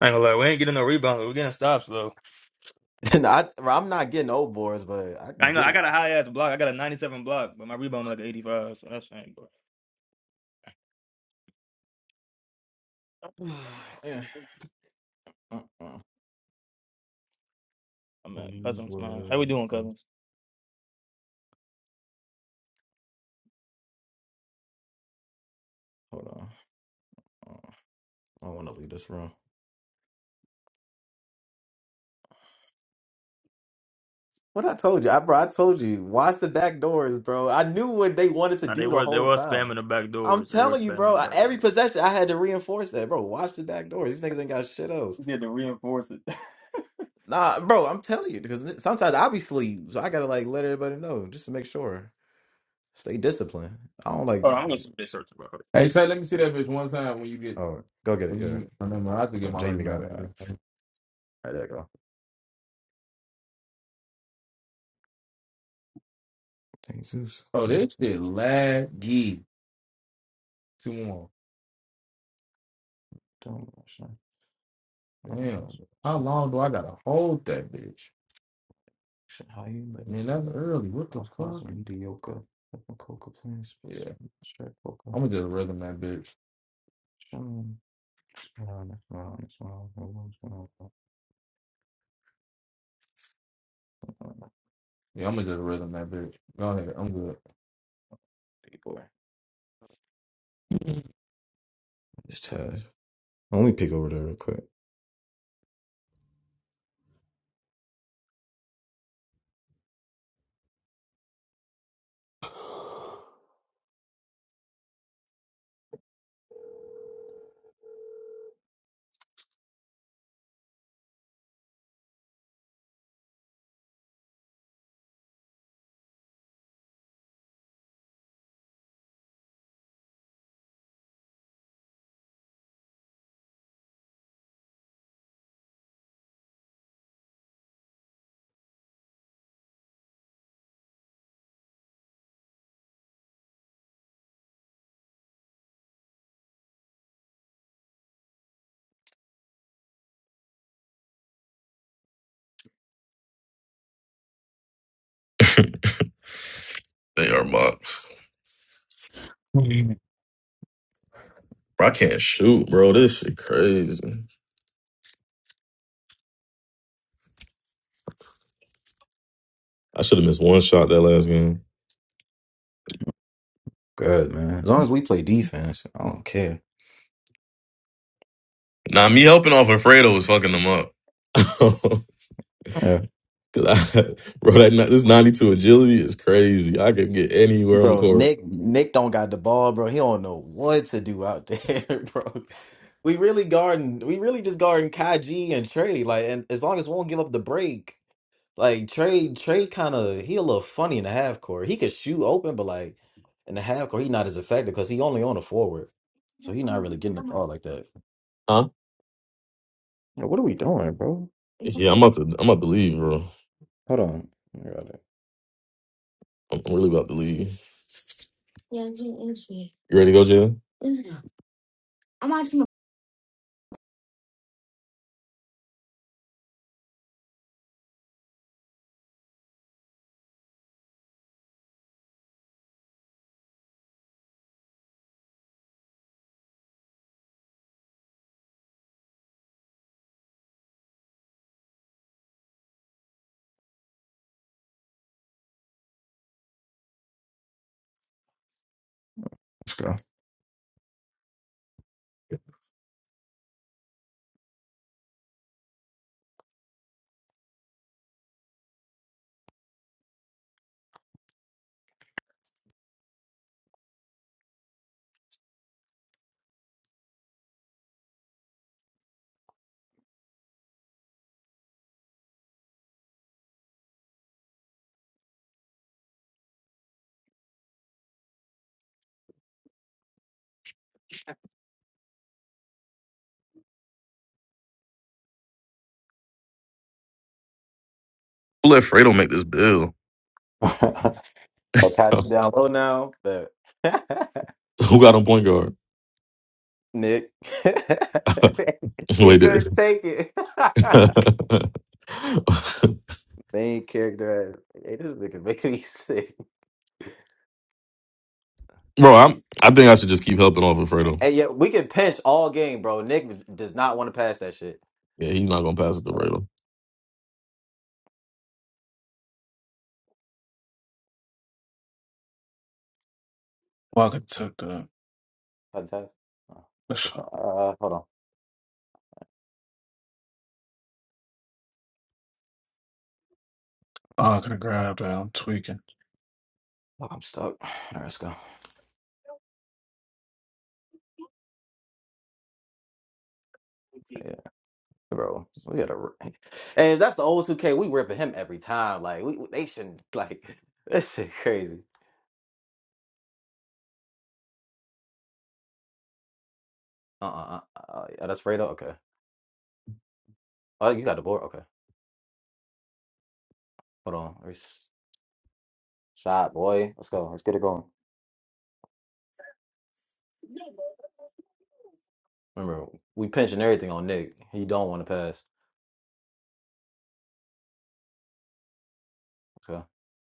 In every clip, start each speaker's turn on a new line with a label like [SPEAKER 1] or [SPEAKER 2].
[SPEAKER 1] I ain't gonna lie, we ain't getting no rebounds. We're getting stops though.
[SPEAKER 2] I, I'm not getting old boards, but I
[SPEAKER 1] I
[SPEAKER 2] can
[SPEAKER 1] ain't
[SPEAKER 2] get
[SPEAKER 1] gonna, I
[SPEAKER 2] it.
[SPEAKER 1] got a high ass block. I got a 97 block, but my rebound like 85. So that's ain't bro.
[SPEAKER 2] Yeah. uh-uh.
[SPEAKER 1] I'm at cousins, man. How we doing, cousins?
[SPEAKER 2] Hold on. Uh, I don't want to leave this room. What I told you, I bro, I told you, watch the back doors, bro. I knew what they wanted to
[SPEAKER 1] Nah, they
[SPEAKER 2] do the
[SPEAKER 1] were they
[SPEAKER 2] whole
[SPEAKER 1] were
[SPEAKER 2] time.
[SPEAKER 1] spamming the back
[SPEAKER 2] I'm
[SPEAKER 1] doors. They were
[SPEAKER 2] telling you,
[SPEAKER 1] spamming
[SPEAKER 2] bro. I-
[SPEAKER 1] the back
[SPEAKER 2] Every
[SPEAKER 1] doors.
[SPEAKER 2] possession, I had to reinforce that, bro. Watch the back doors. These niggas ain't got shit else.
[SPEAKER 1] We need to reinforce it.
[SPEAKER 2] Nah, bro, I'm telling you because sometimes I be sleep, so I gotta like let everybody know just to make sure. Stay disciplined. I don't like.
[SPEAKER 1] Oh, I'm gonna see search about
[SPEAKER 3] Hey,
[SPEAKER 1] it.
[SPEAKER 3] say, let me see that bitch one time when you get.
[SPEAKER 2] Oh, go get it.
[SPEAKER 3] When
[SPEAKER 2] Yeah,
[SPEAKER 3] you, oh, never mind, I have to
[SPEAKER 2] oh,
[SPEAKER 3] get my
[SPEAKER 2] Jamie got
[SPEAKER 3] rebound
[SPEAKER 2] it.
[SPEAKER 3] like this.
[SPEAKER 2] All right, Thank Zeus.
[SPEAKER 3] Oh,
[SPEAKER 2] And
[SPEAKER 3] this shit laggy. too long.
[SPEAKER 2] Domination.
[SPEAKER 3] Damn. How
[SPEAKER 2] Resurrection.
[SPEAKER 3] long do I gotta hold that bitch?
[SPEAKER 2] Higher, but
[SPEAKER 3] I mean, that's early. What
[SPEAKER 2] I
[SPEAKER 3] the
[SPEAKER 2] was
[SPEAKER 3] fuck?
[SPEAKER 2] causing mediocre. Coca plans.
[SPEAKER 3] Yeah,
[SPEAKER 2] Strike Coca.
[SPEAKER 3] I'm gonna just rhythm that bitch.
[SPEAKER 2] Shaman. Smiling, smiling, smiling. Everyone's going
[SPEAKER 3] Yeah, I'm gonna just rhythm that bitch. Go ahead. I'm good.
[SPEAKER 2] Boy. It's Taz. Let me peek over there real quick.
[SPEAKER 4] They are mocks.
[SPEAKER 2] Mhm.
[SPEAKER 4] Bro, I can't shoot, bro. This shit crazy. I should have missed one shot that last game.
[SPEAKER 2] Good, man. As long as we play defense, I don't care.
[SPEAKER 4] Nah, me helping off Alfredo was fucking them up. 'Cause I- bro, that ni- this 92 agility is crazy. I could get anywhere on the
[SPEAKER 2] Bro,
[SPEAKER 4] court.
[SPEAKER 2] Nick Nick don't got the ball, bro. He don't know what to do out there, bro. We really guarding we really just guarding Kaji and Trey. Like and as long as we won't give up the break, like Trey, Trey kinda he a little funny in the half court. He could shoot open, but like in the half court, he not as effective because he only on a forward. So he not really getting the ball like that.
[SPEAKER 4] Huh?
[SPEAKER 2] Yeah, what are we doing, bro?
[SPEAKER 4] Yeah, I'm about to I'm about to leave, bro.
[SPEAKER 2] Hold on. I got it.
[SPEAKER 4] I'm I'm really about to leave. You ready to go, Jalen? Who let Fredo make this bill?
[SPEAKER 2] I'll catch you down low now, but
[SPEAKER 4] Who got on point guard?
[SPEAKER 2] Nick, he
[SPEAKER 4] Wait there.
[SPEAKER 2] couldn't take it. Main character, hey, this nigga making me sick.
[SPEAKER 4] Bro, I'm I think I should just keep helping off of Fredo.
[SPEAKER 2] Hey, yeah, we can pinch all game, bro. Nick does not want to pass that shit.
[SPEAKER 4] Yeah, he's not gonna pass it to Fredo.
[SPEAKER 5] Walker took the,
[SPEAKER 2] Fantastic. Oh,
[SPEAKER 5] the
[SPEAKER 2] that's a
[SPEAKER 5] shot.
[SPEAKER 2] uh, hold on.
[SPEAKER 5] Oh, I could have grabbed that. I'm tweaking.
[SPEAKER 2] Oh, I'm stuck. All right, let's go. Yeah, bro, we gotta. r- And if that's the old 2K, we ripping him every time. Like we, we- they shouldn't. Like this shit crazy. Uh, uh, uh, uh yeah, that's Fredo. Okay. Oh, you got the board. Okay, hold on. Let's- Shot boy. Let's go. Let's get it going. Remember, we pinching everything on Nick. He don't want to pass. Let's go.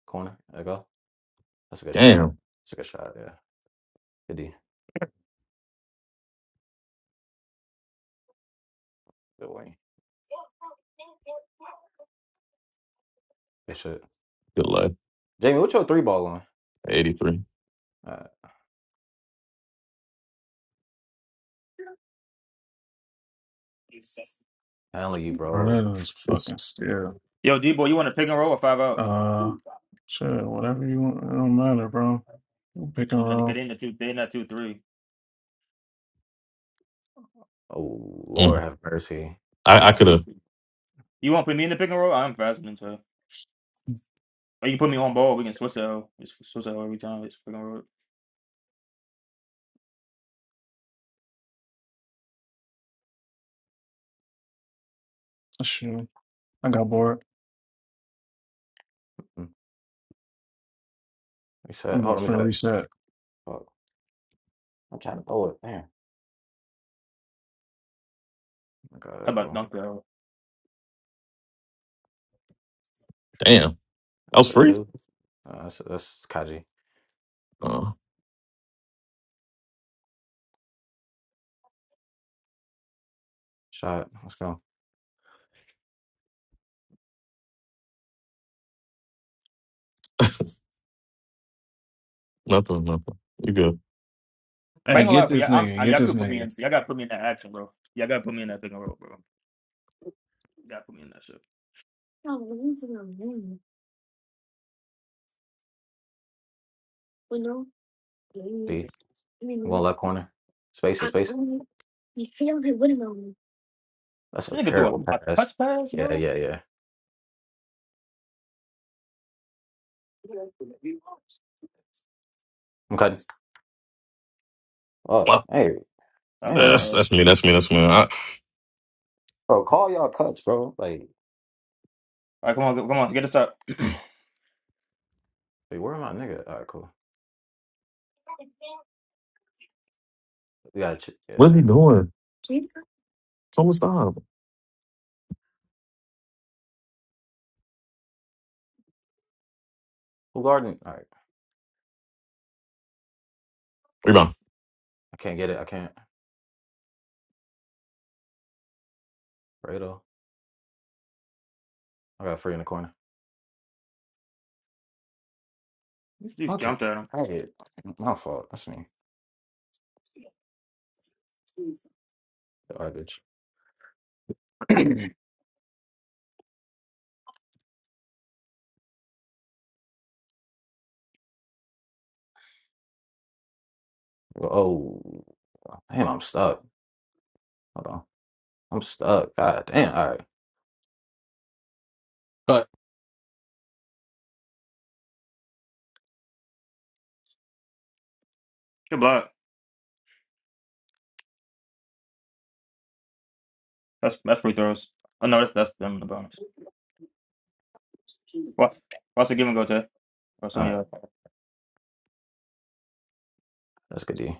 [SPEAKER 2] Corner. There you go. That's a good
[SPEAKER 4] Damn.
[SPEAKER 2] shot. That's a good shot. Yeah. Good D. Good wing. Good shit.
[SPEAKER 4] Good luck.
[SPEAKER 2] Jamie, what's your three ball on?
[SPEAKER 4] 83.
[SPEAKER 2] Uh, only you,
[SPEAKER 5] Bro,
[SPEAKER 2] bro.
[SPEAKER 5] that is
[SPEAKER 4] It's,
[SPEAKER 5] fucking still.
[SPEAKER 1] Yo, D boy, you want to pick and roll or five out?
[SPEAKER 5] Uh, shit, whatever you want. It don't matter, bro. I'm picking
[SPEAKER 1] I'm
[SPEAKER 5] it
[SPEAKER 1] trying to cut
[SPEAKER 5] up.
[SPEAKER 1] in the two. They in that two three.
[SPEAKER 2] Oh,
[SPEAKER 4] mm.
[SPEAKER 2] Lord have mercy.
[SPEAKER 1] He
[SPEAKER 4] I, I
[SPEAKER 1] gonna
[SPEAKER 4] could
[SPEAKER 1] make us
[SPEAKER 4] have.
[SPEAKER 1] beat. You want to put me in the pick and roll? I'm faster than so. Or you put me on ball. We can switch it. out. Just switch it out every time. It's pick and roll.
[SPEAKER 5] Shit. I got bored.
[SPEAKER 2] Mm, We said,
[SPEAKER 5] I'm gonna
[SPEAKER 2] hold on, we got it.
[SPEAKER 5] release that.
[SPEAKER 2] Fuck. I'm trying to throw it. Damn. I got
[SPEAKER 1] How
[SPEAKER 2] it,
[SPEAKER 1] about
[SPEAKER 2] bro.
[SPEAKER 1] dunk it?
[SPEAKER 4] Damn. I was
[SPEAKER 2] It's a
[SPEAKER 4] free.
[SPEAKER 2] two. Uh, that's, that's Kaji.
[SPEAKER 4] Oh,
[SPEAKER 2] Shot. Let's go.
[SPEAKER 4] nothing, nothing. You good.
[SPEAKER 1] But I
[SPEAKER 5] Hey,
[SPEAKER 1] ain't gonna lie,
[SPEAKER 5] get
[SPEAKER 1] bro.
[SPEAKER 5] this
[SPEAKER 1] Y'all, I'm,
[SPEAKER 5] nigga.
[SPEAKER 1] I, am you
[SPEAKER 5] Get
[SPEAKER 1] all
[SPEAKER 5] this
[SPEAKER 1] could put me in.
[SPEAKER 5] nigga.
[SPEAKER 1] Y'all gotta put me in that action, bro. Y'all gotta put me in that pick and roll, bro. You gotta put me in that shit.
[SPEAKER 2] D.
[SPEAKER 1] This this
[SPEAKER 2] One left corner. Space is space. That's a
[SPEAKER 1] nigga threw a,
[SPEAKER 2] terrible
[SPEAKER 1] a
[SPEAKER 2] pass.
[SPEAKER 1] touch pass,
[SPEAKER 2] Yeah,
[SPEAKER 1] bro.
[SPEAKER 2] yeah, yeah. I'm cutting. Oh,
[SPEAKER 4] Wow.
[SPEAKER 2] hey.
[SPEAKER 1] That was bad. uh,
[SPEAKER 4] That's,
[SPEAKER 2] Damn.
[SPEAKER 1] All
[SPEAKER 4] that's me. That's me. That's me. I,
[SPEAKER 2] Bro, call y'all cuts, bro. Like,
[SPEAKER 1] right, come on, go- come on, get us up.
[SPEAKER 2] wait, where am I, nigga? All right, cool. We got you.
[SPEAKER 4] what is
[SPEAKER 2] Yeah.
[SPEAKER 4] he doing? Tell him to stop.
[SPEAKER 2] Who guarding? All right.
[SPEAKER 4] Rebound.
[SPEAKER 2] I can't get it. I can't. Fredo. I got free in the corner.
[SPEAKER 1] you
[SPEAKER 2] Fucking
[SPEAKER 1] jumped at him.
[SPEAKER 2] hey, my fault. That's me. Garbage. oh damn, I'm stuck. Hold on. I'm stuck. God damn. All right.
[SPEAKER 3] Cut.
[SPEAKER 1] Good block. That's that's free throws. Oh no, that's that's them in the bonus. What? What's the give and go to? Or some
[SPEAKER 2] All
[SPEAKER 1] of
[SPEAKER 2] right.
[SPEAKER 1] y'all uh,
[SPEAKER 2] That's good D.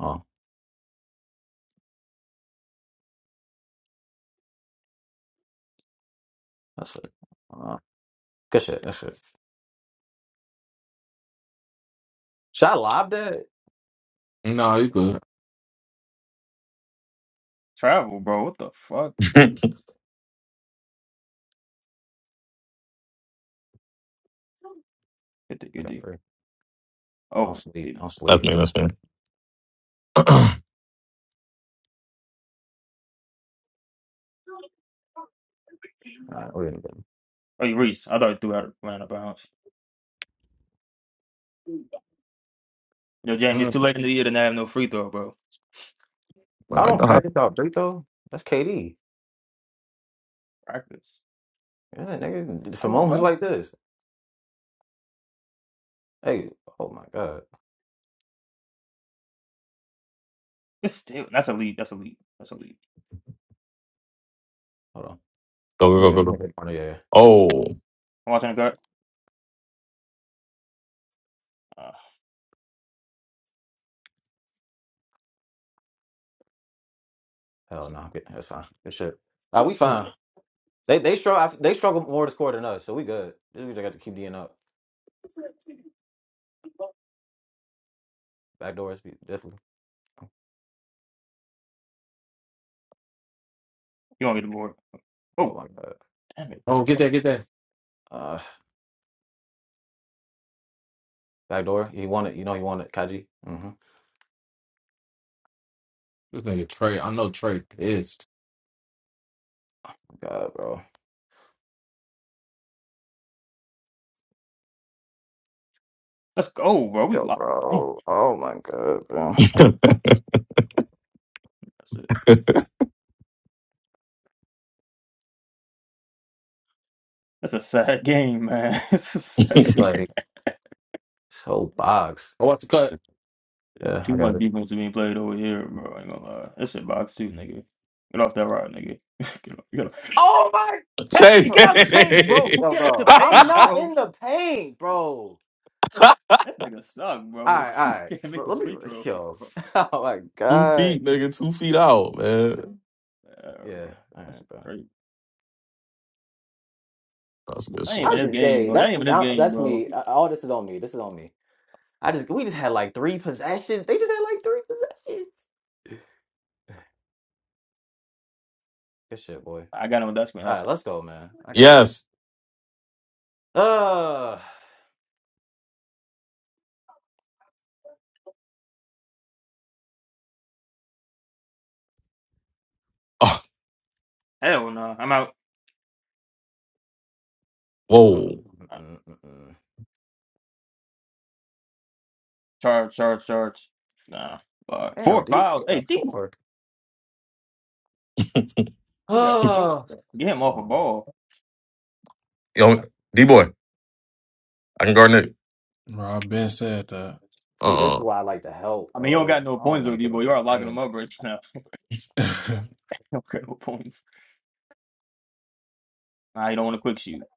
[SPEAKER 2] Oh, that's it. Uh, good shit. That's it. Should I lob that?
[SPEAKER 3] No, you good.
[SPEAKER 1] travel, bro. What the fuck?
[SPEAKER 4] that's
[SPEAKER 1] Get the
[SPEAKER 2] I
[SPEAKER 1] good
[SPEAKER 2] got
[SPEAKER 1] deal.
[SPEAKER 2] free. Don't
[SPEAKER 1] Oh,
[SPEAKER 2] sleep.
[SPEAKER 1] wait.
[SPEAKER 2] Don't sleep.
[SPEAKER 4] me.
[SPEAKER 2] Yeah.
[SPEAKER 4] That's me.
[SPEAKER 2] All right. We're gonna get him.
[SPEAKER 1] oh, you Reese. I thought you threw out ran out of bounds. Yo, Jamie, it's
[SPEAKER 3] Mm.
[SPEAKER 1] too late in the year to not have no free throw, bro.
[SPEAKER 2] I
[SPEAKER 4] I
[SPEAKER 2] don't
[SPEAKER 4] got- it.
[SPEAKER 2] practice out three though. That's KD.
[SPEAKER 1] Practice.
[SPEAKER 2] Yeah, nigga.
[SPEAKER 1] How
[SPEAKER 2] For
[SPEAKER 1] you gonna
[SPEAKER 2] moments
[SPEAKER 1] practice?
[SPEAKER 2] like this. Hey. Oh my God.
[SPEAKER 1] It's still that's a lead. That's a lead. That's a lead.
[SPEAKER 2] Hold on. Let me
[SPEAKER 4] go, go,
[SPEAKER 2] go.
[SPEAKER 4] go, go,
[SPEAKER 2] Let
[SPEAKER 4] go.
[SPEAKER 2] me go. Yeah.
[SPEAKER 4] Oh.
[SPEAKER 1] I'm watching the guard. Uh,
[SPEAKER 2] Hell no, okay, that's fine. Good shit. Uh, we
[SPEAKER 1] you
[SPEAKER 2] fine. They they struggle. They struggle more to score than us, so we good. We just got to keep D'ing up. Back doors, definitely.
[SPEAKER 1] want me to board?
[SPEAKER 2] Oh
[SPEAKER 1] Oh,
[SPEAKER 2] my god.
[SPEAKER 1] damn it.
[SPEAKER 3] Oh, get that, get that.
[SPEAKER 2] Uh, back door. He wanted. You know he wanted Kaji. Mm-hmm.
[SPEAKER 3] This nigga Trey. I know Trey pissed.
[SPEAKER 2] God, bro.
[SPEAKER 1] Let's go, Oh, bro. We
[SPEAKER 2] Yo,
[SPEAKER 1] lost. Damn.
[SPEAKER 2] bro. Oh my god, bro.
[SPEAKER 1] That's it. that's a sad game, man. it's a sad.
[SPEAKER 2] It's like so box.
[SPEAKER 3] Oh, what's the cut?
[SPEAKER 1] It's
[SPEAKER 2] Yeah,
[SPEAKER 1] too
[SPEAKER 2] I got
[SPEAKER 1] much
[SPEAKER 2] it.
[SPEAKER 1] defense being played over here, bro. I ain't gonna lie. That shit box too, nigga. Get off that rod, nigga. get off, get off.
[SPEAKER 2] Oh my.
[SPEAKER 1] Hey,
[SPEAKER 2] bro.
[SPEAKER 1] get out the paint, bro.
[SPEAKER 4] Tay.
[SPEAKER 2] Yo,
[SPEAKER 1] Get out the
[SPEAKER 2] bro. I'm
[SPEAKER 1] paint,
[SPEAKER 2] not
[SPEAKER 1] bro.
[SPEAKER 2] in the paint, bro.
[SPEAKER 1] This nigga suck,
[SPEAKER 2] All
[SPEAKER 1] bro.
[SPEAKER 2] right,
[SPEAKER 1] He
[SPEAKER 2] all right.
[SPEAKER 1] Can't make the
[SPEAKER 2] let me.
[SPEAKER 1] free throw,
[SPEAKER 2] Yo.
[SPEAKER 1] bro.
[SPEAKER 2] oh my
[SPEAKER 4] Two
[SPEAKER 2] god.
[SPEAKER 4] feet, nigga. Two feet out, man.
[SPEAKER 1] Yeah,
[SPEAKER 2] Yeah.
[SPEAKER 1] bro.
[SPEAKER 2] All
[SPEAKER 1] That's
[SPEAKER 2] right, bro.
[SPEAKER 1] crazy.
[SPEAKER 4] That's a good
[SPEAKER 1] That ain't even
[SPEAKER 2] I
[SPEAKER 4] shot.
[SPEAKER 1] this
[SPEAKER 2] just,
[SPEAKER 1] game,
[SPEAKER 2] hey,
[SPEAKER 1] bro. That
[SPEAKER 2] that's
[SPEAKER 1] ain't even
[SPEAKER 2] me.
[SPEAKER 1] this
[SPEAKER 2] I,
[SPEAKER 1] game,
[SPEAKER 2] that's
[SPEAKER 1] bro.
[SPEAKER 2] me. Uh, All this is on me. This is on me. I just, we just had like three possessions. They just had like three possessions. Good shit, boy.
[SPEAKER 1] I got him with that screen
[SPEAKER 2] All
[SPEAKER 1] that
[SPEAKER 2] right,
[SPEAKER 1] time.
[SPEAKER 2] let's go, man. I got it.
[SPEAKER 4] Yes.
[SPEAKER 2] Uh,
[SPEAKER 1] Hell no. I'm out.
[SPEAKER 2] mm,
[SPEAKER 4] Oh,
[SPEAKER 2] mm, mm, mm, mm.
[SPEAKER 1] Charge, charge, charge. Nah. Fuck.
[SPEAKER 2] damn,
[SPEAKER 1] Four
[SPEAKER 2] dude,
[SPEAKER 1] fouls.
[SPEAKER 2] you
[SPEAKER 1] Hey,
[SPEAKER 2] got
[SPEAKER 1] Debo.
[SPEAKER 2] four.
[SPEAKER 4] whoa.
[SPEAKER 1] He got four.
[SPEAKER 2] Oh,
[SPEAKER 1] bro. Get him
[SPEAKER 2] come
[SPEAKER 1] off a
[SPEAKER 2] on.
[SPEAKER 1] ball.
[SPEAKER 4] Yo,
[SPEAKER 1] That's-
[SPEAKER 4] D boy, I can guard Nick.
[SPEAKER 5] Bro, i been said that.
[SPEAKER 4] Uh
[SPEAKER 2] See, this
[SPEAKER 4] uh
[SPEAKER 2] is why I like to help,
[SPEAKER 1] I mean, you don't
[SPEAKER 2] bro.
[SPEAKER 1] got no
[SPEAKER 2] I don't
[SPEAKER 1] points though,
[SPEAKER 2] want to give
[SPEAKER 1] Debo.
[SPEAKER 2] up
[SPEAKER 1] You
[SPEAKER 2] that
[SPEAKER 1] are locking him
[SPEAKER 2] pain.
[SPEAKER 1] up right now. You don't got no points. Nah, you don't want a quick shoot.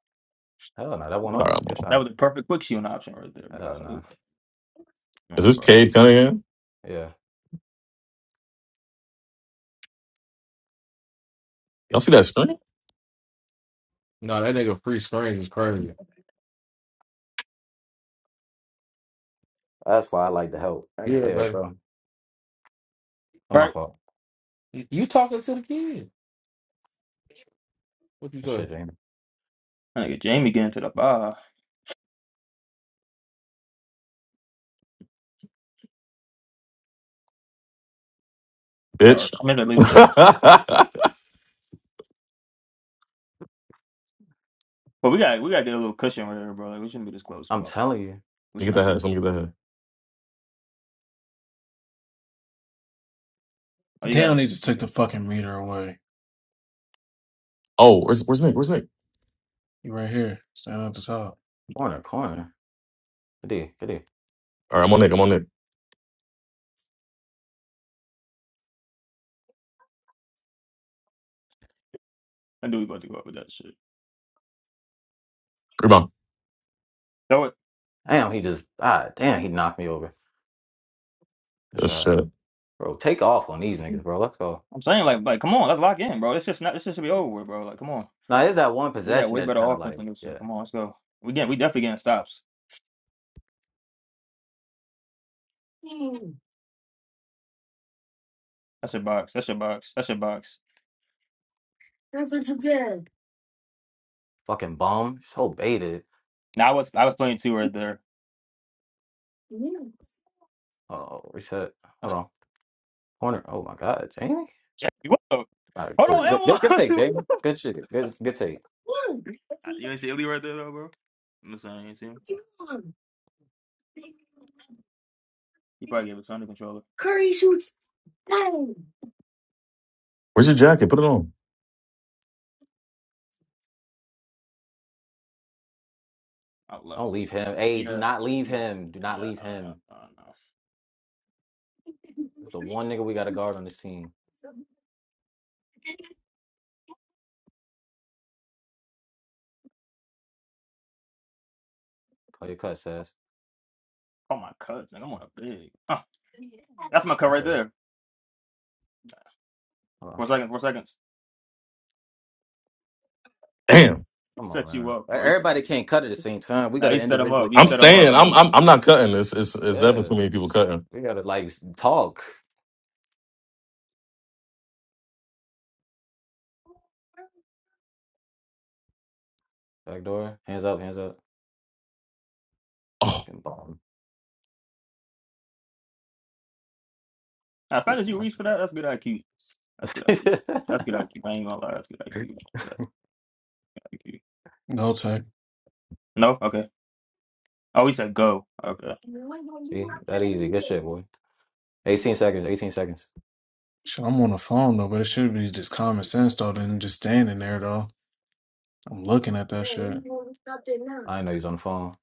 [SPEAKER 2] Hell no, that one
[SPEAKER 4] All right,
[SPEAKER 2] open. Good
[SPEAKER 4] man.
[SPEAKER 1] That
[SPEAKER 2] shot.
[SPEAKER 1] was a perfect quick shooting option right there,
[SPEAKER 2] Hell no.
[SPEAKER 1] bro.
[SPEAKER 4] Is
[SPEAKER 1] Nah,
[SPEAKER 4] this
[SPEAKER 1] bro.
[SPEAKER 4] Cade Cunningham?
[SPEAKER 2] Yeah,
[SPEAKER 4] Y'all see that screen?
[SPEAKER 3] No, that nigga free screens is crazy.
[SPEAKER 2] that's why I like to help. Right
[SPEAKER 3] Yeah,
[SPEAKER 2] there,
[SPEAKER 3] baby.
[SPEAKER 2] bro. Not my
[SPEAKER 1] Right.
[SPEAKER 2] fault.
[SPEAKER 3] You you talking to the kid? What you
[SPEAKER 2] Good
[SPEAKER 3] say?
[SPEAKER 2] shit, Jamie.
[SPEAKER 1] Nigga, Jamie getting to the bar.
[SPEAKER 4] Bitch.
[SPEAKER 1] Charge. I'm in the legal swing. But we got we gotta get a little cushion right here, bro. Like, we shouldn't be this close,
[SPEAKER 2] I'm
[SPEAKER 1] bro.
[SPEAKER 2] telling you,
[SPEAKER 1] We
[SPEAKER 4] Let
[SPEAKER 1] should
[SPEAKER 4] me get that
[SPEAKER 1] not be.
[SPEAKER 4] hash. Let me get that hash.
[SPEAKER 1] Oh, you
[SPEAKER 5] Damn,
[SPEAKER 1] got
[SPEAKER 5] they just took the fucking meter away.
[SPEAKER 4] Oh, where's where's Nick? Where's Nick?
[SPEAKER 5] You right here. Stand at the top.
[SPEAKER 2] corner, corner. Good D, good D.
[SPEAKER 4] All right, I'm on Nick. I'm on Nick.
[SPEAKER 1] I knew we about to go up with that shit.
[SPEAKER 4] Rebound.
[SPEAKER 1] So what
[SPEAKER 2] Damn, he just ah damn, he knocked me over. Good
[SPEAKER 4] Oh,
[SPEAKER 2] shot.
[SPEAKER 4] shit.
[SPEAKER 2] Bro, take off on these niggas, bro. Let's go.
[SPEAKER 1] I'm saying, like, like, come on, let's lock in, bro. This just not this just should be over with, bro. Like, come on.
[SPEAKER 2] Now it's that one
[SPEAKER 1] We got
[SPEAKER 2] possession
[SPEAKER 1] way
[SPEAKER 2] that
[SPEAKER 1] better
[SPEAKER 2] kind of
[SPEAKER 1] offense
[SPEAKER 2] like,
[SPEAKER 1] than this shit.
[SPEAKER 2] yeah,
[SPEAKER 1] Come on, let's go. We get we definitely getting stops. That's your box. That's your box. That's your box.
[SPEAKER 2] fucking bum. So baited.
[SPEAKER 1] Now I was I was playing two right there.
[SPEAKER 2] Oh, reset. Hold on. Corner. Oh my god, Jamie.
[SPEAKER 1] Jackie, what the?
[SPEAKER 2] All right,
[SPEAKER 1] Hold
[SPEAKER 2] cool. Good,
[SPEAKER 1] on,
[SPEAKER 2] good, good take,
[SPEAKER 1] and
[SPEAKER 2] Jamie. Good shit. Good, good take.
[SPEAKER 1] one. you ain't see Illy right there though, bro. I'm just saying, you ain't see him. He probably gave his son the controller.
[SPEAKER 4] Where's your jacket? Put it on.
[SPEAKER 1] I love
[SPEAKER 2] Don't
[SPEAKER 1] him.
[SPEAKER 2] leave him. Hey, do
[SPEAKER 1] Yeah,
[SPEAKER 2] not leave
[SPEAKER 1] yeah,
[SPEAKER 2] him. Do
[SPEAKER 1] yeah.
[SPEAKER 2] not
[SPEAKER 1] yeah,
[SPEAKER 2] leave
[SPEAKER 1] I don't know.
[SPEAKER 2] him.
[SPEAKER 1] I don't know.
[SPEAKER 2] It's the one nigga we got to guard on this team. Call your cut, says.
[SPEAKER 1] Oh my cousin, I'm on a big. Uh, that's my cut right
[SPEAKER 2] Matter.
[SPEAKER 1] there.
[SPEAKER 2] Hold on.
[SPEAKER 1] Four seconds. Four seconds.
[SPEAKER 4] Damn.
[SPEAKER 1] He
[SPEAKER 2] Come on,
[SPEAKER 1] set you
[SPEAKER 2] man.
[SPEAKER 1] up,
[SPEAKER 2] E-
[SPEAKER 1] bro. He set
[SPEAKER 2] Everybody
[SPEAKER 1] you.
[SPEAKER 2] can't cut at the same time. We got
[SPEAKER 1] Now he
[SPEAKER 2] to
[SPEAKER 1] set him
[SPEAKER 2] individually
[SPEAKER 1] up. He
[SPEAKER 4] I'm
[SPEAKER 2] call
[SPEAKER 1] set him
[SPEAKER 2] touch.
[SPEAKER 4] staying.
[SPEAKER 1] up,
[SPEAKER 4] I'm
[SPEAKER 1] bro.
[SPEAKER 4] I'm I'm not cutting this. It's it's definitely too
[SPEAKER 2] Yeah,
[SPEAKER 4] many people cutting.
[SPEAKER 2] we gotta like talk. Back door. Hands up, hands up.
[SPEAKER 4] Oh
[SPEAKER 2] Fucking bomb.
[SPEAKER 1] Now, if that
[SPEAKER 2] He's
[SPEAKER 1] is you
[SPEAKER 2] nuts.
[SPEAKER 1] reach for that, that's good IQ. That's good IQ. That's good IQ. I ain't gonna lie, that's good IQ. That's good IQ.
[SPEAKER 5] No tech.
[SPEAKER 1] No? Okay. Oh, he said go. Okay.
[SPEAKER 2] See? That easy. Good shit, boy. 18 seconds, 18 seconds.
[SPEAKER 5] Shit, I'm on the phone though, but it should be just common sense though, than just standing there though. I'm looking at that shit.
[SPEAKER 2] I didn't know he's on the phone.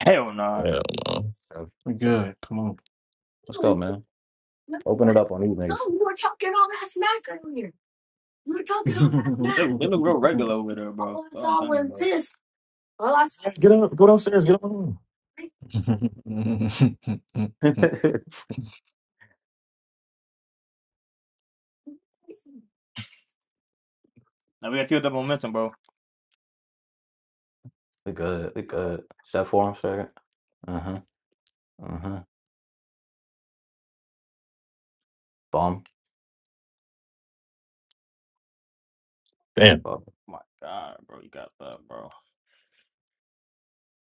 [SPEAKER 1] Hell nah.
[SPEAKER 4] hell no.
[SPEAKER 2] So,
[SPEAKER 5] We
[SPEAKER 2] so,
[SPEAKER 5] good. Come on.
[SPEAKER 2] let's go, man. Open it up on these niggas.
[SPEAKER 5] Bro,
[SPEAKER 1] They, they look real regular over there, bro. That's what I'm saying, bro.
[SPEAKER 4] Well, I said- Get up. Go downstairs. Get up.
[SPEAKER 1] Now we gotta keep up the momentum, bro. Oh
[SPEAKER 2] we good. We good. Step for him, second. Uh huh. Uh huh. Bomb.
[SPEAKER 4] Damn.
[SPEAKER 2] Bomb,
[SPEAKER 1] my god, bro, you got that, bro.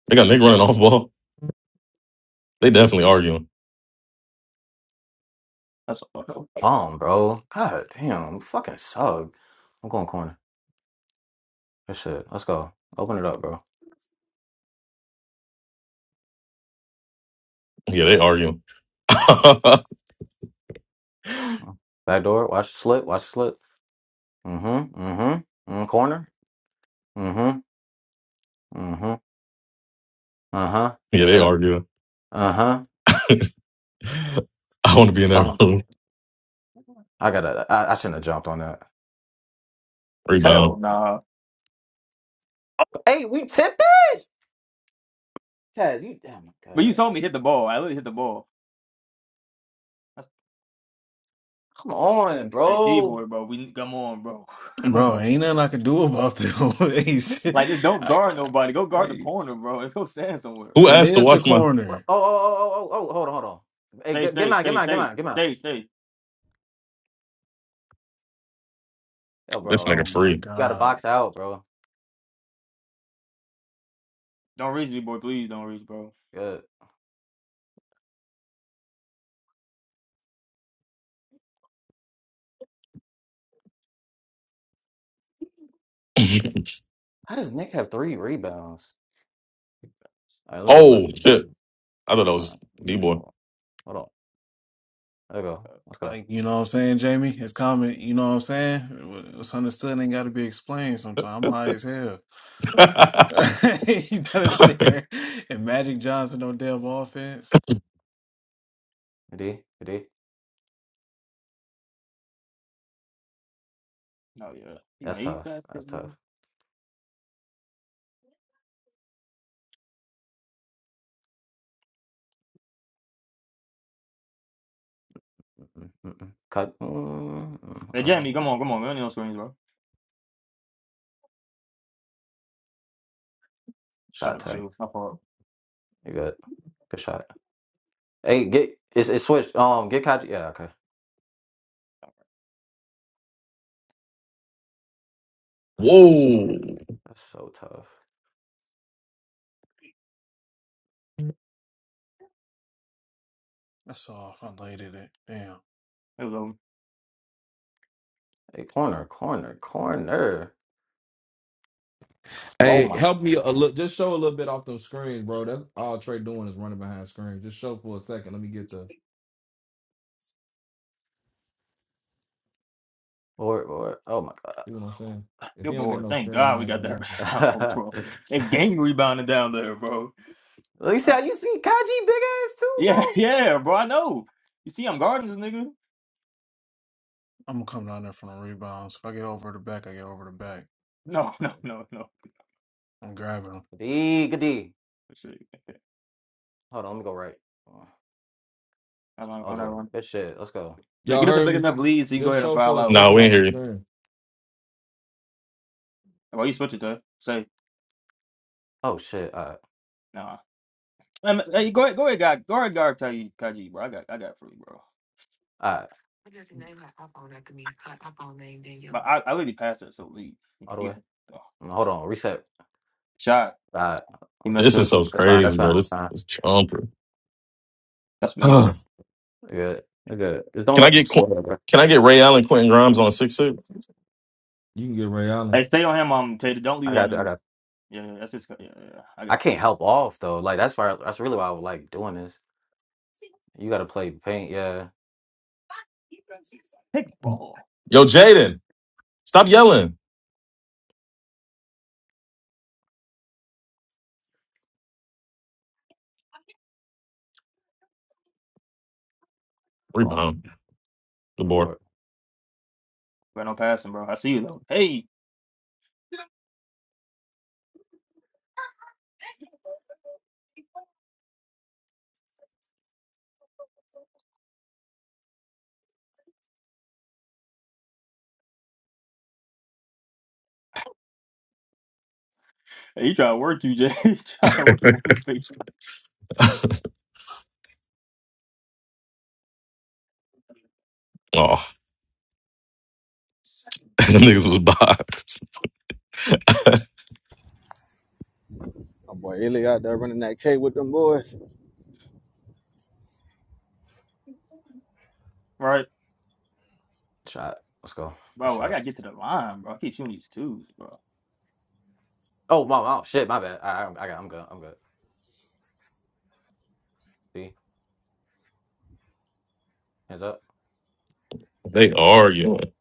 [SPEAKER 4] They got Nick running off ball. They definitely arguing.
[SPEAKER 1] That's a,
[SPEAKER 2] Bomb, bro. God damn. Fucking suck. I'm going corner. Good shit. Let's go. Open it up, bro.
[SPEAKER 4] Yeah, they arguing. yeah,
[SPEAKER 2] Back door. Watch the slip. Watch the slip. Mm hmm. Mm hmm. Mm, corner. Mm hmm. Mm hmm. Uh-huh. Is
[SPEAKER 4] they
[SPEAKER 2] that
[SPEAKER 4] arguing.
[SPEAKER 2] uh-huh.
[SPEAKER 4] I want to be in that
[SPEAKER 2] Oh,
[SPEAKER 4] room.
[SPEAKER 2] I gotta I, I shouldn't have jumped on that. He
[SPEAKER 1] hell
[SPEAKER 4] Rebound.
[SPEAKER 2] sold.
[SPEAKER 1] nah.
[SPEAKER 2] Hey, we tipped it! Taz, you damn my
[SPEAKER 1] But you
[SPEAKER 2] god.
[SPEAKER 1] told me hit the ball. I literally hit the ball. That's,
[SPEAKER 2] Come on,
[SPEAKER 1] hey, D
[SPEAKER 2] bro.
[SPEAKER 1] boy, bro. We come on, bro. Come on.
[SPEAKER 5] ain't nothing I can do about this. Ain't shit.
[SPEAKER 1] Like just don't
[SPEAKER 5] I,
[SPEAKER 1] guard nobody. Go guard the
[SPEAKER 5] I-
[SPEAKER 1] corner, bro. Let's go stand somewhere,
[SPEAKER 4] Who
[SPEAKER 5] that
[SPEAKER 1] bro.
[SPEAKER 4] asked to
[SPEAKER 5] is the
[SPEAKER 4] watch my
[SPEAKER 2] What?
[SPEAKER 5] corner.
[SPEAKER 2] Oh, oh, oh, oh, oh, oh, hold on, hold on. Hey,
[SPEAKER 1] Stay,
[SPEAKER 2] get, get
[SPEAKER 1] stay,
[SPEAKER 2] mine, get
[SPEAKER 1] stay,
[SPEAKER 2] mine, get
[SPEAKER 1] stay,
[SPEAKER 2] mine, get mine.
[SPEAKER 1] stay, stay.
[SPEAKER 2] Yo,
[SPEAKER 4] this
[SPEAKER 2] bro.
[SPEAKER 5] Oh
[SPEAKER 4] nigga
[SPEAKER 2] You
[SPEAKER 5] my
[SPEAKER 4] free?
[SPEAKER 2] gotta
[SPEAKER 5] God.
[SPEAKER 2] box out, bro.
[SPEAKER 1] Don't reach, me, boy. Please don't reach, bro.
[SPEAKER 2] Good. How does Nick have three rebounds? All right, let me go left.
[SPEAKER 4] oh shit. I thought that
[SPEAKER 2] Uh,
[SPEAKER 4] was D boy.
[SPEAKER 2] hold on. Hold on. There we go. Let's go.
[SPEAKER 5] Like, you know what I'm saying, Jamie? His comment, you know what I'm saying? What- What's understood ain't got to be explained sometimes. I'm high as hell. He trying to sit here and Magic Johnson don't dev offense.
[SPEAKER 2] D, D.
[SPEAKER 1] Oh yeah, he
[SPEAKER 2] That's
[SPEAKER 1] made
[SPEAKER 2] tough.
[SPEAKER 1] that shit,
[SPEAKER 2] That's
[SPEAKER 1] bro.
[SPEAKER 2] tough. Mm-mm, mm-mm. Cut. Mm-mm.
[SPEAKER 1] Hey
[SPEAKER 5] Hold
[SPEAKER 2] Okay.
[SPEAKER 5] on.
[SPEAKER 1] Jamie, come on, come on, man. No screens, bro. Shout
[SPEAKER 2] Shot
[SPEAKER 1] out
[SPEAKER 2] tag.
[SPEAKER 1] to
[SPEAKER 5] Shot.
[SPEAKER 1] you. My fault.
[SPEAKER 2] You good. Good shot. Hey, get it's it switched. Um, get Kaji. Yeah, okay. That's so
[SPEAKER 4] Whoa.
[SPEAKER 2] tough. That's so tough.
[SPEAKER 1] It
[SPEAKER 5] That's off. I laid it. Damn.
[SPEAKER 1] was over.
[SPEAKER 2] Hey, corner, corner, corner. Oh
[SPEAKER 3] Hey,
[SPEAKER 2] my
[SPEAKER 3] help me a little. Just show a little bit off those screens, bro. That's all Trey doing is running behind screens. Just show for a second. Let me get the.
[SPEAKER 2] lord, lord. Oh my god.
[SPEAKER 3] You know what I'm saying? If
[SPEAKER 1] You're
[SPEAKER 3] he
[SPEAKER 2] Let's
[SPEAKER 3] don't get
[SPEAKER 2] go.
[SPEAKER 1] bored.
[SPEAKER 3] no
[SPEAKER 1] Thank
[SPEAKER 3] screen, he
[SPEAKER 1] God we
[SPEAKER 3] not
[SPEAKER 1] got
[SPEAKER 3] getting
[SPEAKER 1] that
[SPEAKER 3] nothing.
[SPEAKER 1] rebound, bro. That gang rebounded down there, bro.
[SPEAKER 2] Let me see
[SPEAKER 1] I-
[SPEAKER 2] how you see Kaji big ass too,
[SPEAKER 1] yeah,
[SPEAKER 2] bro.
[SPEAKER 1] yeah, bro. I know. You see, I'm guarding this nigga.
[SPEAKER 5] I'm going to come down there from the rebounds. If I get over the back, I get over the back.
[SPEAKER 1] No, no,
[SPEAKER 2] Alright.
[SPEAKER 1] no, no.
[SPEAKER 5] I'm grabbing 'em.
[SPEAKER 2] D good D.
[SPEAKER 1] For sure.
[SPEAKER 2] Hold on, let me go right.
[SPEAKER 1] I'm not,
[SPEAKER 2] All
[SPEAKER 1] I'm
[SPEAKER 2] the
[SPEAKER 1] not
[SPEAKER 2] way.
[SPEAKER 1] running.
[SPEAKER 2] Good shit. Let's go.
[SPEAKER 1] Just
[SPEAKER 3] Y'all
[SPEAKER 1] get us a
[SPEAKER 3] heard
[SPEAKER 1] big
[SPEAKER 3] me?
[SPEAKER 1] enough lead so you can go
[SPEAKER 3] Just
[SPEAKER 1] ahead and
[SPEAKER 3] show
[SPEAKER 1] foul
[SPEAKER 3] for a
[SPEAKER 1] out.
[SPEAKER 4] No,
[SPEAKER 3] second
[SPEAKER 4] we ain't
[SPEAKER 3] off the
[SPEAKER 4] hear you.
[SPEAKER 3] screen.
[SPEAKER 1] Well, you switch it to say
[SPEAKER 2] Oh shit. All right.
[SPEAKER 1] nah. Hey, hey, go ahead, go ahead, guy. guard, guard, Kaji, Kaji, bro. I got, I got free, bro.
[SPEAKER 2] All right.
[SPEAKER 1] But I, I literally passed it, so lead.
[SPEAKER 2] All the
[SPEAKER 1] He
[SPEAKER 2] way.
[SPEAKER 1] got oh,
[SPEAKER 2] Hold on. Reset.
[SPEAKER 1] shot.
[SPEAKER 2] All right.
[SPEAKER 1] He messed
[SPEAKER 4] This
[SPEAKER 1] up.
[SPEAKER 4] is so
[SPEAKER 2] That's fine.
[SPEAKER 4] crazy,
[SPEAKER 2] That's
[SPEAKER 4] bro.
[SPEAKER 2] fine. That's
[SPEAKER 4] This
[SPEAKER 2] fine.
[SPEAKER 4] is chomper.
[SPEAKER 1] That's me.
[SPEAKER 4] can
[SPEAKER 2] You're good. You're good. Just don't
[SPEAKER 4] I
[SPEAKER 2] let them
[SPEAKER 4] get Qu-
[SPEAKER 2] score, bro.
[SPEAKER 4] can I get Ray Allen, Quentin Grimes on six six?
[SPEAKER 3] You can get Ray Allen.
[SPEAKER 1] Hey, stay on him, um, Tater. Don't leave
[SPEAKER 2] I
[SPEAKER 1] that
[SPEAKER 2] got you. I got you.
[SPEAKER 1] nigga. Yeah, yeah, that's his. co- Yeah, yeah, yeah. I
[SPEAKER 2] I
[SPEAKER 1] got
[SPEAKER 2] can't
[SPEAKER 1] free.
[SPEAKER 2] help off though. Like that's why that's really why I would like doing this. You got to play paint, yeah.
[SPEAKER 1] Pick ball.
[SPEAKER 4] Yo, Jaden, stop yelling.
[SPEAKER 2] On
[SPEAKER 4] Rebound. Good
[SPEAKER 2] the
[SPEAKER 4] board.
[SPEAKER 2] board,
[SPEAKER 1] Bro, no passing, bro. I see you though. Hey, hey, he trying to work you, Jay. He trying to
[SPEAKER 4] Oh,
[SPEAKER 1] work him on the face,
[SPEAKER 4] the niggas was boxed.
[SPEAKER 6] My boy Illy out there running that K with them boys.
[SPEAKER 1] right?
[SPEAKER 2] shot. Let's go. A
[SPEAKER 1] Bro, I
[SPEAKER 2] shot.
[SPEAKER 1] gotta get to the line, bro. I keep shooting these twos, bro.
[SPEAKER 2] Oh my, oh shit, my bad. I, I, I got. I'm good. I'm good. See, hands up.
[SPEAKER 4] they arguing.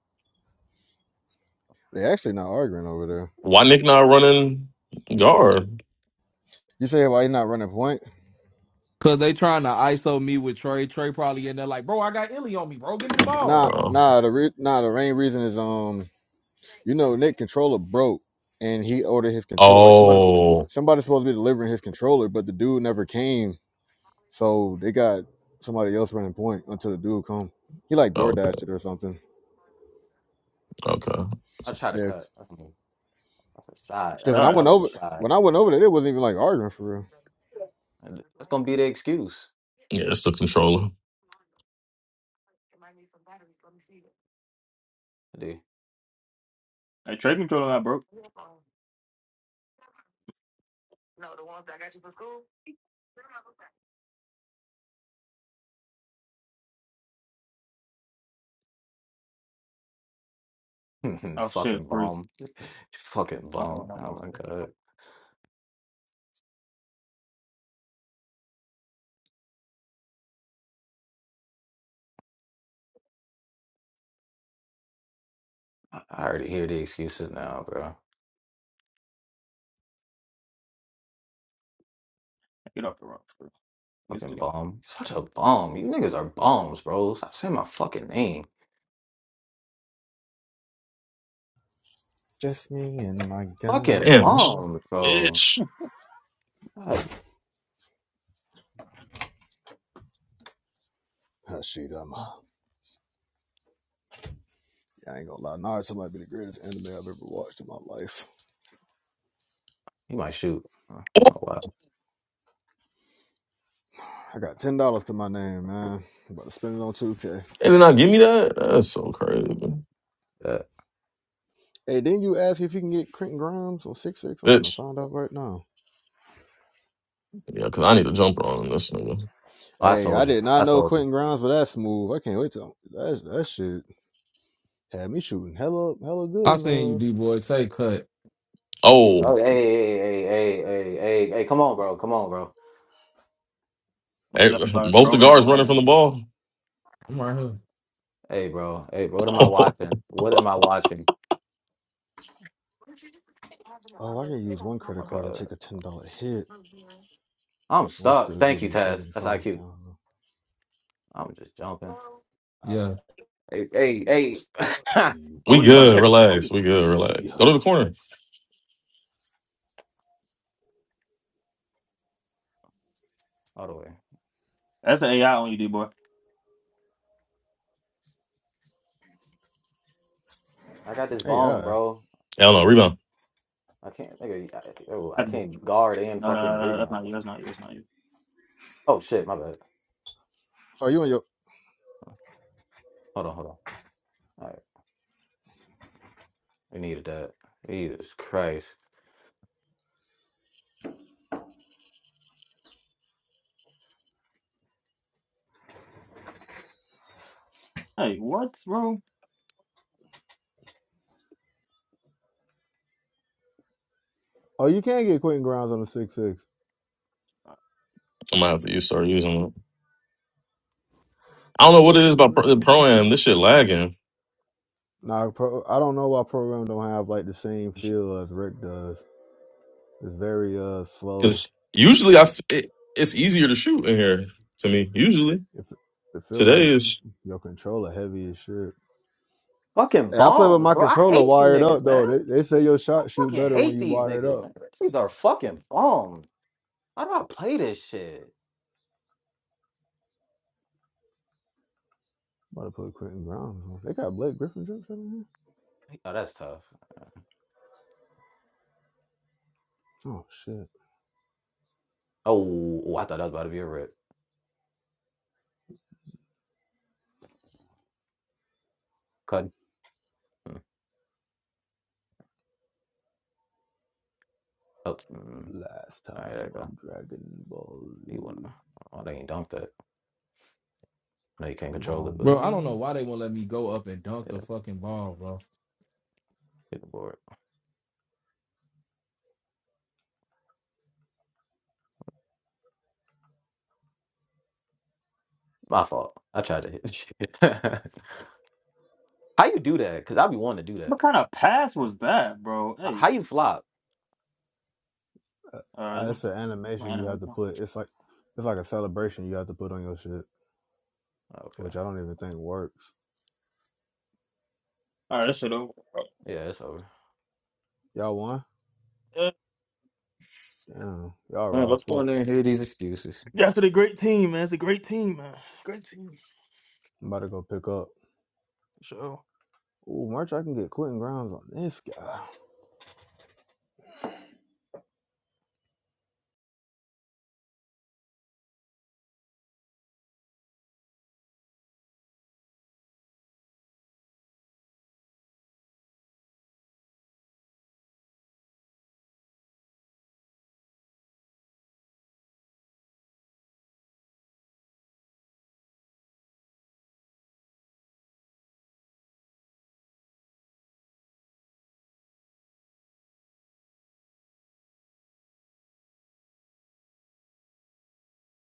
[SPEAKER 6] They actually not arguing over there.
[SPEAKER 4] Why Nick not running guard?
[SPEAKER 6] You say why he not running point?
[SPEAKER 3] Cause they trying to ISO me with Trey. Trey probably in there like, bro, I got Illy on me, bro. Give me the
[SPEAKER 6] Nah,
[SPEAKER 3] ball.
[SPEAKER 4] Oh.
[SPEAKER 6] nah. The re- nah, the main reason is um, you know, Nick controller broke, and he ordered his control. Like somebody,
[SPEAKER 4] Oh.
[SPEAKER 6] somebody's supposed to be delivering his controller, but the dude never came. So they got somebody else running point until the dude come. He like door
[SPEAKER 4] Okay.
[SPEAKER 6] dashed it or something.
[SPEAKER 4] Okay.
[SPEAKER 2] I try to
[SPEAKER 6] Yeah,
[SPEAKER 2] cut. That's, a- that's a shot.
[SPEAKER 1] It's
[SPEAKER 6] because
[SPEAKER 2] That's
[SPEAKER 6] when I
[SPEAKER 2] a
[SPEAKER 1] tough.
[SPEAKER 6] went
[SPEAKER 2] hell of a
[SPEAKER 6] over,
[SPEAKER 2] shot.
[SPEAKER 6] when I went over there, it wasn't even like arguing for real.
[SPEAKER 2] And That's gonna be the excuse.
[SPEAKER 4] Yeah, it's the controller.
[SPEAKER 2] Dude.
[SPEAKER 1] Hey, trade controller not broke. Oh shit,
[SPEAKER 2] fucking
[SPEAKER 1] free.
[SPEAKER 2] bomb. fucking
[SPEAKER 1] Not for
[SPEAKER 2] bomb.
[SPEAKER 1] not
[SPEAKER 2] Oh
[SPEAKER 1] for
[SPEAKER 2] my god. I I already hear the excuses now, bro.
[SPEAKER 1] Get off the rock, free. Good
[SPEAKER 2] Fucking
[SPEAKER 1] still.
[SPEAKER 2] bomb. Such a bomb. You niggas are bombs, bro. Stop saying my fucking name.
[SPEAKER 6] Just me and my
[SPEAKER 2] Fucking
[SPEAKER 6] guys
[SPEAKER 4] Damn. Bitch.
[SPEAKER 6] going.
[SPEAKER 2] bomb, bro.
[SPEAKER 4] Bitch.
[SPEAKER 2] Like,
[SPEAKER 6] Hashidama. I ain't gonna lie, Naruto might be the greatest anime I've ever watched in my life.
[SPEAKER 2] he might shoot. Oh oh, wow.
[SPEAKER 6] I got ten dollars to my name, man. I'm about to spend it on 2K.
[SPEAKER 4] And then I give me that? That's so crazy.
[SPEAKER 2] Yeah.
[SPEAKER 6] Hey, didn't you ask if you can get Quentin Grimes on six six? I'm
[SPEAKER 4] Bitch.
[SPEAKER 6] finna find out right now.
[SPEAKER 4] Yeah, because I need a jumper on this nigga.
[SPEAKER 2] Oh, I
[SPEAKER 6] Hey,
[SPEAKER 2] sold
[SPEAKER 6] I
[SPEAKER 2] you.
[SPEAKER 6] did
[SPEAKER 2] I
[SPEAKER 6] not know
[SPEAKER 2] sold you.
[SPEAKER 6] Quentin Grimes was that smooth. I can't wait till that that shit had me shooting hella hella good
[SPEAKER 3] I
[SPEAKER 6] and
[SPEAKER 3] seen you,
[SPEAKER 6] uh
[SPEAKER 3] D boy. Take cut.
[SPEAKER 4] Oh,
[SPEAKER 2] Oh hey hey hey hey hey hey hey hey, come on bro. Come on bro.
[SPEAKER 1] Mm,
[SPEAKER 4] hey,
[SPEAKER 1] That's about as
[SPEAKER 4] both the
[SPEAKER 1] trolling
[SPEAKER 4] guards
[SPEAKER 1] going
[SPEAKER 4] running
[SPEAKER 1] on.
[SPEAKER 4] from the ball.
[SPEAKER 3] I'm right here.
[SPEAKER 2] Hey bro. Hey bro. What am I watching? What am I watching?
[SPEAKER 6] oh I can use one
[SPEAKER 2] Oh, my
[SPEAKER 6] credit card and
[SPEAKER 2] God.
[SPEAKER 6] take a ten dollar hit.
[SPEAKER 2] I'm
[SPEAKER 6] And I
[SPEAKER 2] stuck.
[SPEAKER 6] still
[SPEAKER 2] Thank
[SPEAKER 6] give
[SPEAKER 2] you,
[SPEAKER 6] you
[SPEAKER 2] Taz.
[SPEAKER 6] seventy
[SPEAKER 2] That's
[SPEAKER 6] five
[SPEAKER 2] IQ.
[SPEAKER 6] thousand.
[SPEAKER 2] I'm just jumping.
[SPEAKER 3] Yeah,
[SPEAKER 2] Hey hey hey.
[SPEAKER 1] Bro,
[SPEAKER 4] we
[SPEAKER 1] we just started.
[SPEAKER 4] good.
[SPEAKER 1] sh- oh, yeah.
[SPEAKER 4] Relax. We good.
[SPEAKER 6] Hey,
[SPEAKER 4] Relax. Go
[SPEAKER 6] yeah.
[SPEAKER 4] to the corner.
[SPEAKER 2] All the way.
[SPEAKER 1] That's an AI on you, D boy.
[SPEAKER 2] I got this
[SPEAKER 6] Hey,
[SPEAKER 2] bomb,
[SPEAKER 6] all right.
[SPEAKER 2] bro.
[SPEAKER 4] Yeah, I don't know. Rebound.
[SPEAKER 2] I can't. Nigga, I, oh, I
[SPEAKER 1] That's me.
[SPEAKER 2] can't guard and
[SPEAKER 1] No, no,
[SPEAKER 2] fucking
[SPEAKER 1] no, no, that's
[SPEAKER 2] rebound.
[SPEAKER 1] not you. That's not you. That's not you.
[SPEAKER 2] Oh shit. My bad.
[SPEAKER 6] Oh, you on your?
[SPEAKER 2] Hold on. Hold on. All right. We needed that. Jesus Christ.
[SPEAKER 1] Hey, what, bro?
[SPEAKER 6] Oh, you can get Quentin Grimes on the six six.
[SPEAKER 4] I'm gonna have to use start using it. I don't
[SPEAKER 6] Should I
[SPEAKER 4] know what
[SPEAKER 6] put
[SPEAKER 4] it is
[SPEAKER 6] Quentin
[SPEAKER 4] about pro
[SPEAKER 6] Grimes in
[SPEAKER 4] Pro am. This
[SPEAKER 6] question?
[SPEAKER 4] shit lagging
[SPEAKER 6] Nah, pro, I don't know why program don't have like the same feel as Rick does. It's very uh slow.
[SPEAKER 4] because usually I f- it, it's easier to shoot in here to me. Usually
[SPEAKER 6] It, f- it feel like
[SPEAKER 4] today is.
[SPEAKER 6] your controller heavy as shit.
[SPEAKER 2] Fucking
[SPEAKER 6] Hey, I play with
[SPEAKER 2] bombs,
[SPEAKER 6] my
[SPEAKER 2] bro. I
[SPEAKER 6] controller
[SPEAKER 2] hate you
[SPEAKER 6] wired up
[SPEAKER 2] niggas, man.
[SPEAKER 6] though. They, they say your
[SPEAKER 2] I
[SPEAKER 6] shot shoot
[SPEAKER 2] fucking
[SPEAKER 6] better when
[SPEAKER 2] hate
[SPEAKER 6] you
[SPEAKER 2] these
[SPEAKER 6] wired
[SPEAKER 2] niggas,
[SPEAKER 6] up.
[SPEAKER 2] man. These are fucking bombs. How do I play this shit?
[SPEAKER 6] About to put Quentin Grimes on. They got Blake Griffin jokes in here.
[SPEAKER 2] Oh, that's tough.
[SPEAKER 6] Oh shit!
[SPEAKER 2] Oh, oh, I thought that was about to be a rip. Cut. Mm. Oh, mm.
[SPEAKER 6] Last
[SPEAKER 2] All right, there you
[SPEAKER 6] time
[SPEAKER 2] go.
[SPEAKER 6] on Dragon Ball
[SPEAKER 2] You
[SPEAKER 6] Z.
[SPEAKER 2] wanna? Oh, they ain't dunked that. No, you can't
[SPEAKER 6] Come
[SPEAKER 2] control it,
[SPEAKER 6] on,
[SPEAKER 2] but
[SPEAKER 3] bro. I don't know
[SPEAKER 6] man.
[SPEAKER 3] why they won't let me go up and dunk the
[SPEAKER 2] yeah,
[SPEAKER 3] fucking ball, bro.
[SPEAKER 2] get the board. My fault. I tried to hit shit. How you do that? Cause I be wanting to do
[SPEAKER 1] What
[SPEAKER 2] that.
[SPEAKER 1] kind of pass was that, bro?
[SPEAKER 2] H- How
[SPEAKER 1] Hey,
[SPEAKER 2] you flop?
[SPEAKER 1] all
[SPEAKER 6] Uh,
[SPEAKER 1] right,
[SPEAKER 6] uh,
[SPEAKER 1] let-
[SPEAKER 6] it's an animation
[SPEAKER 1] man, I
[SPEAKER 6] you have
[SPEAKER 1] don't
[SPEAKER 6] to
[SPEAKER 1] know.
[SPEAKER 6] put. It's like it's like a celebration you have to put on your shit.
[SPEAKER 2] Okay.
[SPEAKER 6] which I don't even think works.
[SPEAKER 1] all right, that's it over. bro.
[SPEAKER 2] Yeah, it's over.
[SPEAKER 6] Y'all won?
[SPEAKER 1] Uh,
[SPEAKER 6] Damn, y'all
[SPEAKER 2] Man,
[SPEAKER 6] raw
[SPEAKER 2] let's go in
[SPEAKER 6] fuck.
[SPEAKER 2] there and hear these excuses.
[SPEAKER 1] After the great team, man, it's a great team, man. Great team,
[SPEAKER 6] I'm about to go pick up.
[SPEAKER 1] for sure.
[SPEAKER 6] Ooh, merch I can get Quentin Grimes on this guy.